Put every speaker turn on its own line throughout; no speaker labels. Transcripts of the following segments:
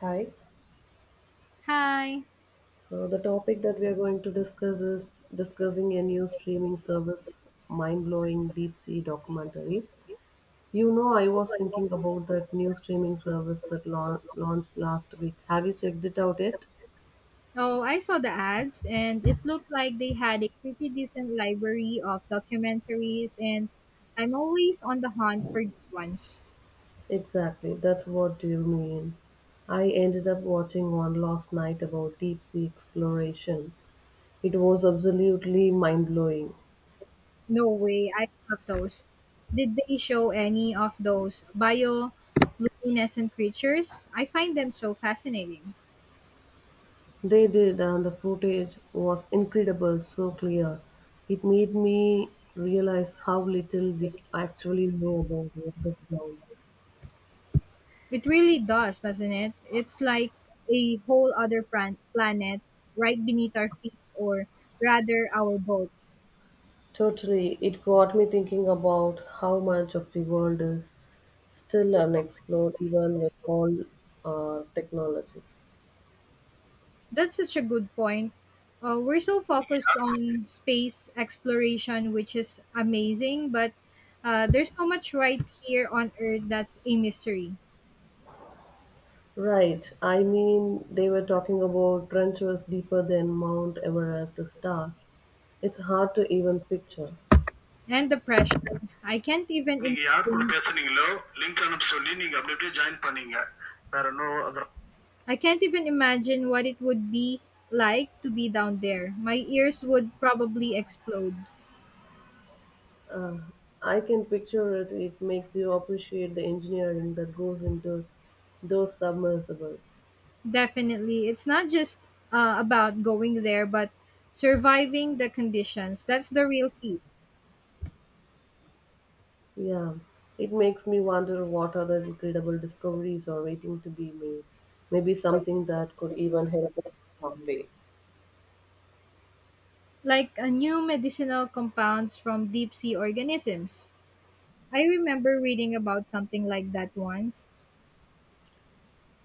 Hi.
Hi.
So the topic that we are going to discuss is discussing a new streaming service, mind-blowing deep sea documentary. You know, I was thinking about that new streaming service that launched last week. Have you checked it out yet?
Oh, I saw the ads and it looked like they had a pretty decent library of documentaries, and I'm always on the hunt for good ones.
Exactly. That's what you mean. I ended up watching one last night about deep sea exploration. It was absolutely mind-blowing.
No way, I love those. Did they show any of those bioluminescent creatures? I find them so fascinating.
They did, and the footage was incredible, so clear. It made me realize how little we actually know about what goes down.
It really does, doesn't it? It's like a whole other planet right beneath our feet, or rather our boats.
Totally, it got me thinking about how much of the world is still unexplored, even with all technology.
That's such a good point. We're so focused on space exploration, which is amazing, but there's so much right here on Earth that's a mystery.
Right, I mean, they were talking about trenches deeper than Mount Everest to start. It's hard to even picture.
And the pressure. I can't
நீங்க
even
யார் கூட
imagine.
பேசுனீங்களோ link அனுப்ப சொல்லி நீங்க அப்படியே join பண்ணீங்க வேற no other.
I can't even imagine what it would be like to be down there. My ears would probably explode.
Uh, I can picture it. It makes you appreciate the engineering that goes into those submersibles.
Definitely, it's not just about going there, but surviving the conditions. That's the real feat.
Yeah, it makes me wonder what other incredible discoveries are waiting to be made. Maybe something that could even help us someday.
Like new medicinal compounds from deep sea organisms. I remember reading about something like that once.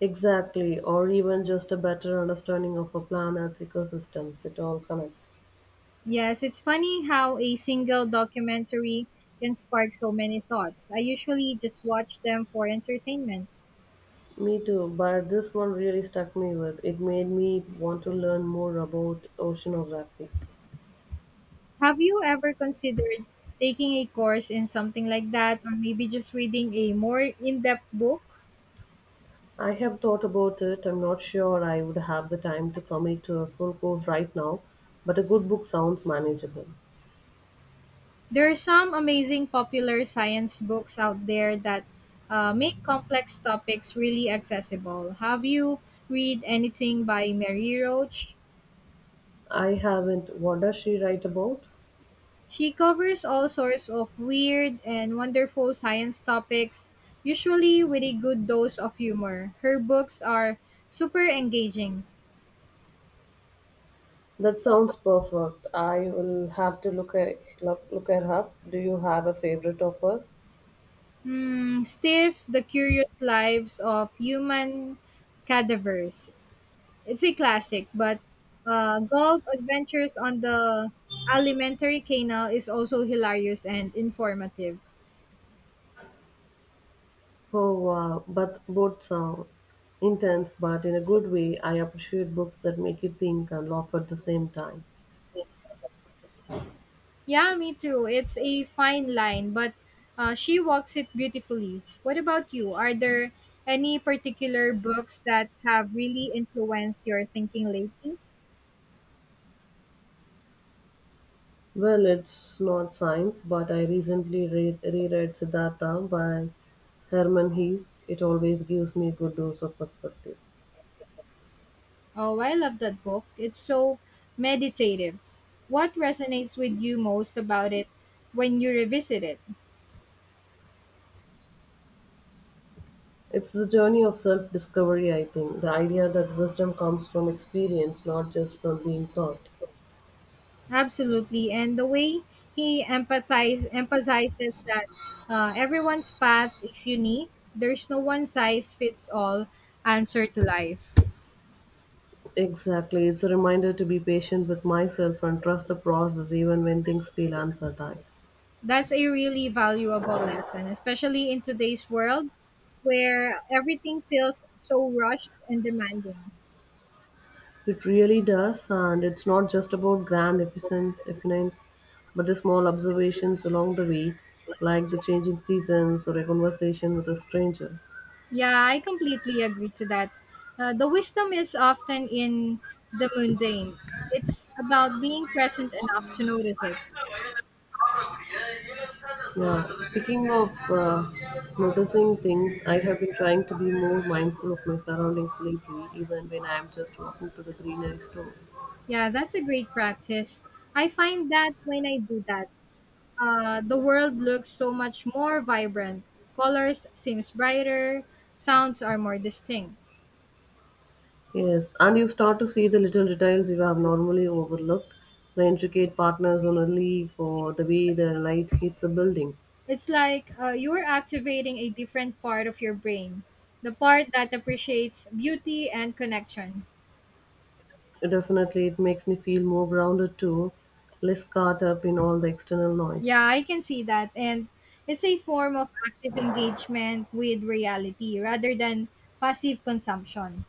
Exactly, or even just a better understanding of a planet's ecosystems. It all connects.
Yes, it's funny how a single documentary can spark so many thoughts. I usually just watch them for entertainment.
Me too, but this one really stuck me with. It made me want to learn more about oceanography.
Have you ever considered taking a course in something like that, or maybe just reading a more in depth book?
I have thought about it. I'm not sure I would have the time to commit to a full course right now, but a good book sounds manageable.
There are some amazing popular science books out there that make complex topics really accessible. Have you read anything by Mary Roach?
I haven't. What does she write about?
She covers all sorts of weird and wonderful science topics, usually with a good dose of humor. Her books are super engaging.
That sounds perfect. I will have to look her up. Do you have a favorite of hers?
Hmm, Stiff, The Curious Lives of Human Cadavers. It's a classic, but Golf Adventures on the Alimentary Canal is also hilarious and informative.
Oh wow, but both sound intense, but in a good way. I appreciate books that make you think and laugh at the same time.
Yeah, me too. It's a fine line, but she walks it beautifully. What about you? Are there any particular books that have really influenced your thinking lately?
Well, it's not science, but I recently reread Siddhartha by Herman Hesse. It always gives me a good dose of perspective.
Oh, I love that book. It's so meditative. What resonates with you most about it when you revisit it?
It's the journey of self discovery, I think. The idea that wisdom comes from experience, not just from being taught.
Absolutely, and the way he empathize emphasizes that everyone's path is unique. There's no one size fits all answer to life.
Exactly. It's a reminder to be patient with myself and trust the process even when things feel uncertain.
That's a really valuable lesson, especially in today's world where everything feels so rushed and demanding.
It really does, and it's not just about grand epiphanies, but the small observations along the way, like the changing seasons or a conversation with a stranger.
Yeah, I completely agree to that. The wisdom is often in the mundane. It's about being present enough to notice it.
Yeah, speaking of noticing things, I have been trying to be more mindful of my surroundings lately, even when I am just walking to the greenery store.
Yeah, that's a great practice. I find that when I do that, the world looks so much more vibrant. Colors seems brighter, sounds are more distinct.
Yes, and you start to see the little details you have normally overlooked, the intricate patterns on a leaf or the way the light hits a building.
It's like you are activating a different part of your brain, the part that appreciates beauty and connection.
Definitely, it makes me feel more grounded too, less caught up in all the external
Yeah,
noise.
I can see that. And it's a form of active engagement with reality rather than passive consumption.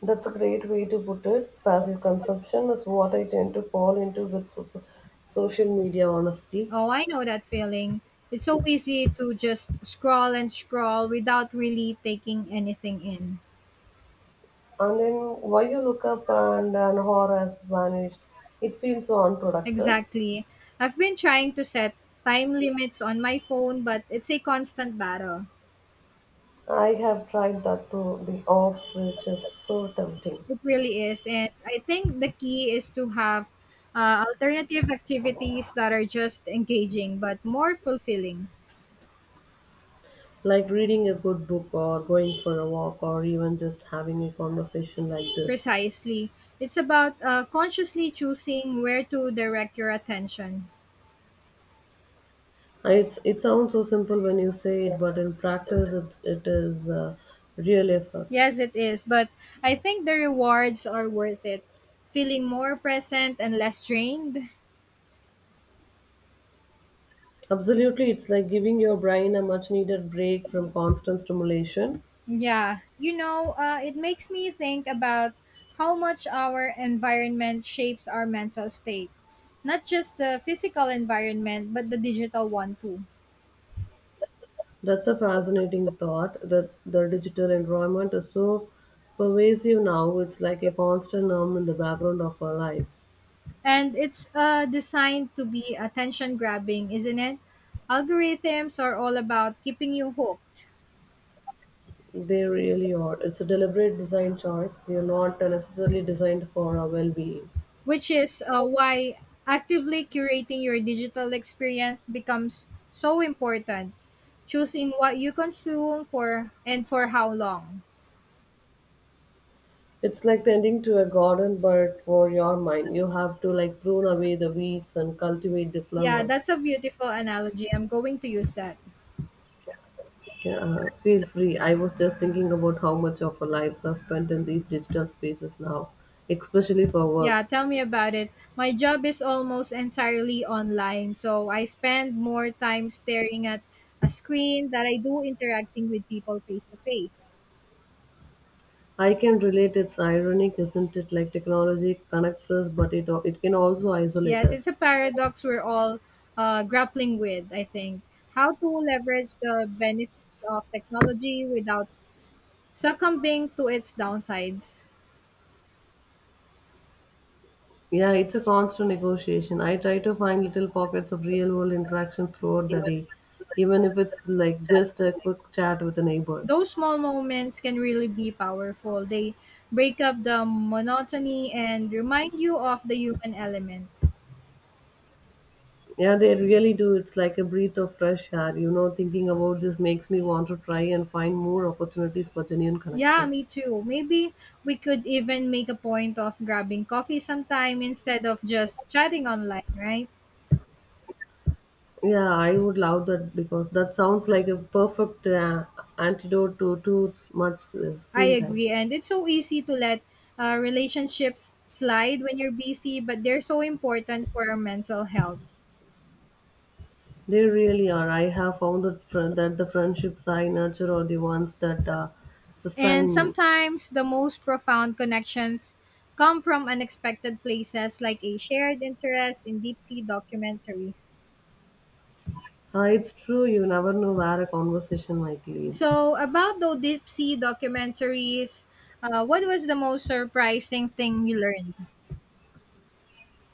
That's a great way to put it. Passive consumption is what I tend to fall into with so, social media, honestly.
Oh, I know that feeling. It's so easy to just scroll and scroll without really taking anything in.
And then why you look up and an horror has vanished, it feels so unproductive.
Exactly. I've been trying to set time limits on my phone, but it's a constant battle.
I have tried that too, the off switch is so tempting.
It really is. And I think the key is to have alternative activities that are just engaging but more fulfilling.
Like reading a good book or going for a walk or even just having a conversation like this.
Precisely. It's about consciously choosing where to direct your attention.
It sounds so simple when you say it, but in practice, it is really a real effort.
Yes, it is, but I think the rewards are worth it. Feeling more present and less drained.
Absolutely, it's like giving your brain a much-needed break from constant stimulation.
Yeah, it makes me think about how much our environment shapes our mental state. Not just the physical environment, but the digital one too.
That's a fascinating thought. That the digital environment is so pervasive now. It's like a constant hum in the background of our lives.
And it's designed to be attention grabbing, isn't it? Algorithms are all about keeping you hooked.
They really are. It's a deliberate design choice. They are not necessarily designed for our well-being.
Which is why actively curating your digital experience becomes so important, choosing what you consume for and for how long.
It's like tending to a garden but for your mind. You have to like prune away the weeds and cultivate the
Yeah,
flowers.
that's a beautiful analogy. I'm going to use that.
Yeah, feel free. I was just thinking about how much of our lives are spent in these digital spaces now, especially for
Yeah,
work.
tell me about it. My job is almost entirely online, so I spend more time staring at a screen that I do interacting with people face to face.
I can relate. It's ironic, isn't it? Like technology connects us, but it can also isolate
Yes, it's a
us.
paradox we're all grappling with, I think. How to leverage the benefits of technology without succumbing to its downsides.
Yeah, it's a constant negotiation. I try to find little pockets of real world interaction throughout the day, even if it's like just a quick chat with a neighbor.
Those small moments can really be powerful. They break up the monotony and remind you of the human element.
Yeah, they really do. It's like a breath of fresh air. You know, thinking about this makes me want to try and find more opportunities for genuine
Yeah,
connection.
me too. Maybe we could even make a point of grabbing coffee sometime instead of just chatting online, right?
Yeah, I would love that because that sounds like a perfect antidote to too much
I
screen time.
agree. And it's so easy to let relationships slide when you're busy, but they're so important for our mental health.
They really are. I have found that the friendships I nurture are the ones that
And
sustain me.
sometimes the most profound connections come from unexpected places, like a shared interest in deep sea documentaries.
It's true, you never know where a conversation might lead.
So, about those deep sea documentaries, what was the most surprising thing you learned?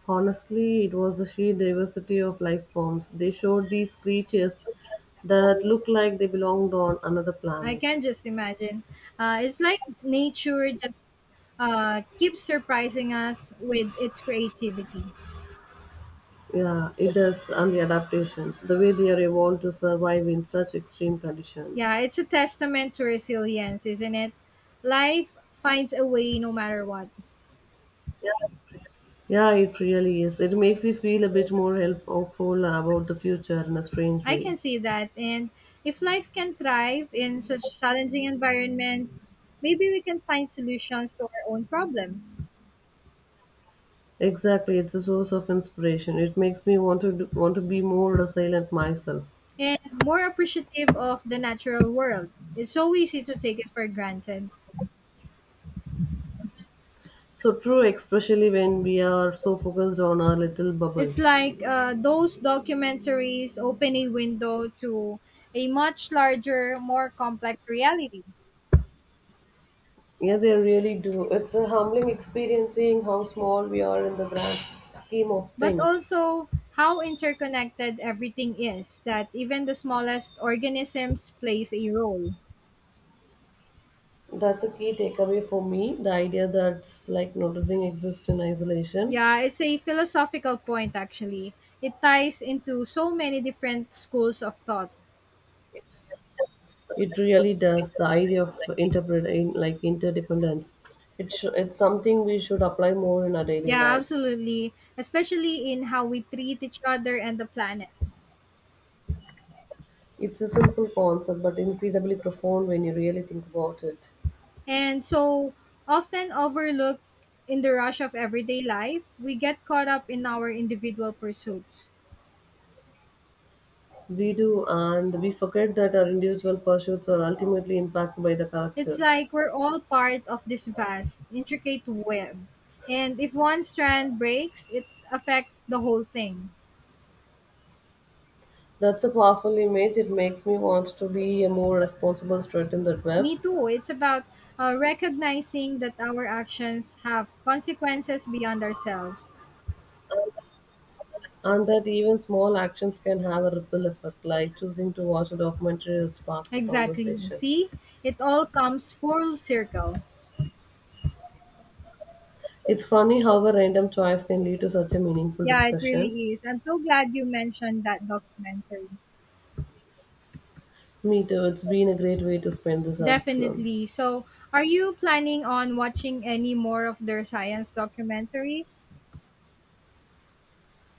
Honestly, it was the sheer diversity of life forms. They showed these creatures that looked like they belonged on another
I
planet.
can just imagine. It's like nature just keeps surprising us with its creativity.
Yeah, it does, and the adaptations, the way they are evolved to survive in such extreme conditions.
Yeah, it's a testament to resilience, isn't it? Life finds a way no matter what.
Yeah, it really is. It makes you feel a bit more hopeful about the future in a strange
I
way.
can see that. And if life can thrive in such challenging environments, maybe we can find solutions to our own problems
Exactly, it's a source of inspiration. It makes me want to be more resilient myself.
and more appreciative of the natural world. It's so easy to take it for granted.
So true, especially when we are so focused on our little
It's
bubbles.
like those documentaries open a window to a much larger, more complex reality,
Yeah, they really do. It's a humbling experience seeing how small we are in the grand scheme of
but
things.
also how interconnected everything is, that even the smallest organisms plays a role.
That's a key takeaway for me. The idea that's like noticing exists in isolation.
Yeah, it's a philosophical point actually. It ties into so many different schools of thought.
It really does. The idea of interpret in- like interdependence. It's something we should apply more in our daily
Yeah,
lives.
absolutely, especially in how we treat each other and the planet.
It's a simple concept, but incredibly profound when you really think about it.
And so often overlooked in the rush of everyday life, we get caught up in our individual pursuits.
We do, and we forget that our individual pursuits are ultimately impacted by the
It's
character.
like we're all part of this vast, intricate web. And if one strand breaks, it affects the whole thing.
That's a powerful image. It makes me want to be a more responsible student in the web,
Me too. It's about recognizing that our actions have consequences beyond ourselves.
and that even small actions can have a ripple effect, like choosing to watch a documentary that sparks a
Exactly.
conversation.
See, it all comes full circle.
It's funny how a random choice can lead to such a meaningful
Yeah, it
discussion.
really is. I'm so glad you mentioned that documentary.
Me too. It's been a great way to spend this afternoon.
Definitely. So, are you planning on watching any more of their science documentaries?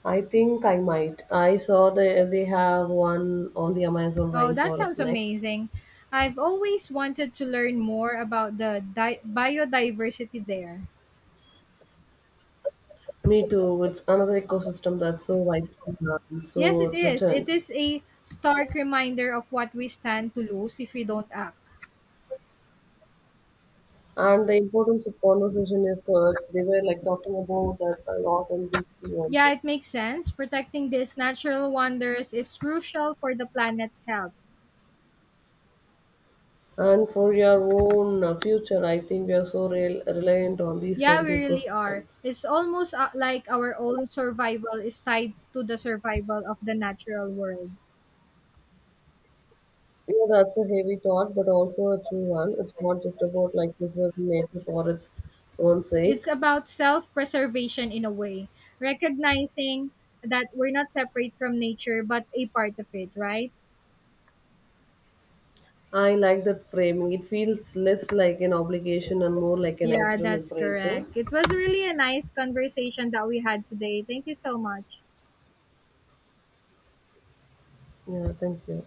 I think I might. I saw they have one on the Amazon
Oh, that
rainforest
sounds
next.
amazing. I've always wanted to learn more about the biodiversity there.
Me too. It's another ecosystem that's so wide,
Yes,
so
it
it's
is. It
returned.
is a stark reminder of what we stand to lose if we don't act.
And the importance of conversation efforts. They were like talking about that a lot on we see on.
Yeah, it makes sense. Protecting these natural wonders is crucial for the planet's health.
And for your own future, I think we are so reliant on these
Yeah, we
healthy
really are.
ecosystems.
It's almost like our own survival is tied to the survival of the natural world.
Yeah, that's a heavy thought, but also a true one. It's not just about like preserving nature for its own sake.
It's about self preservation in a way, recognizing that we're not separate from nature but a part of it, right?
I like that framing. It feels less like an obligation and more like a
Yeah,
natural
that's
imperative.
correct. It was really a nice conversation that we had today. Thank you so much.
Yeah, thank you.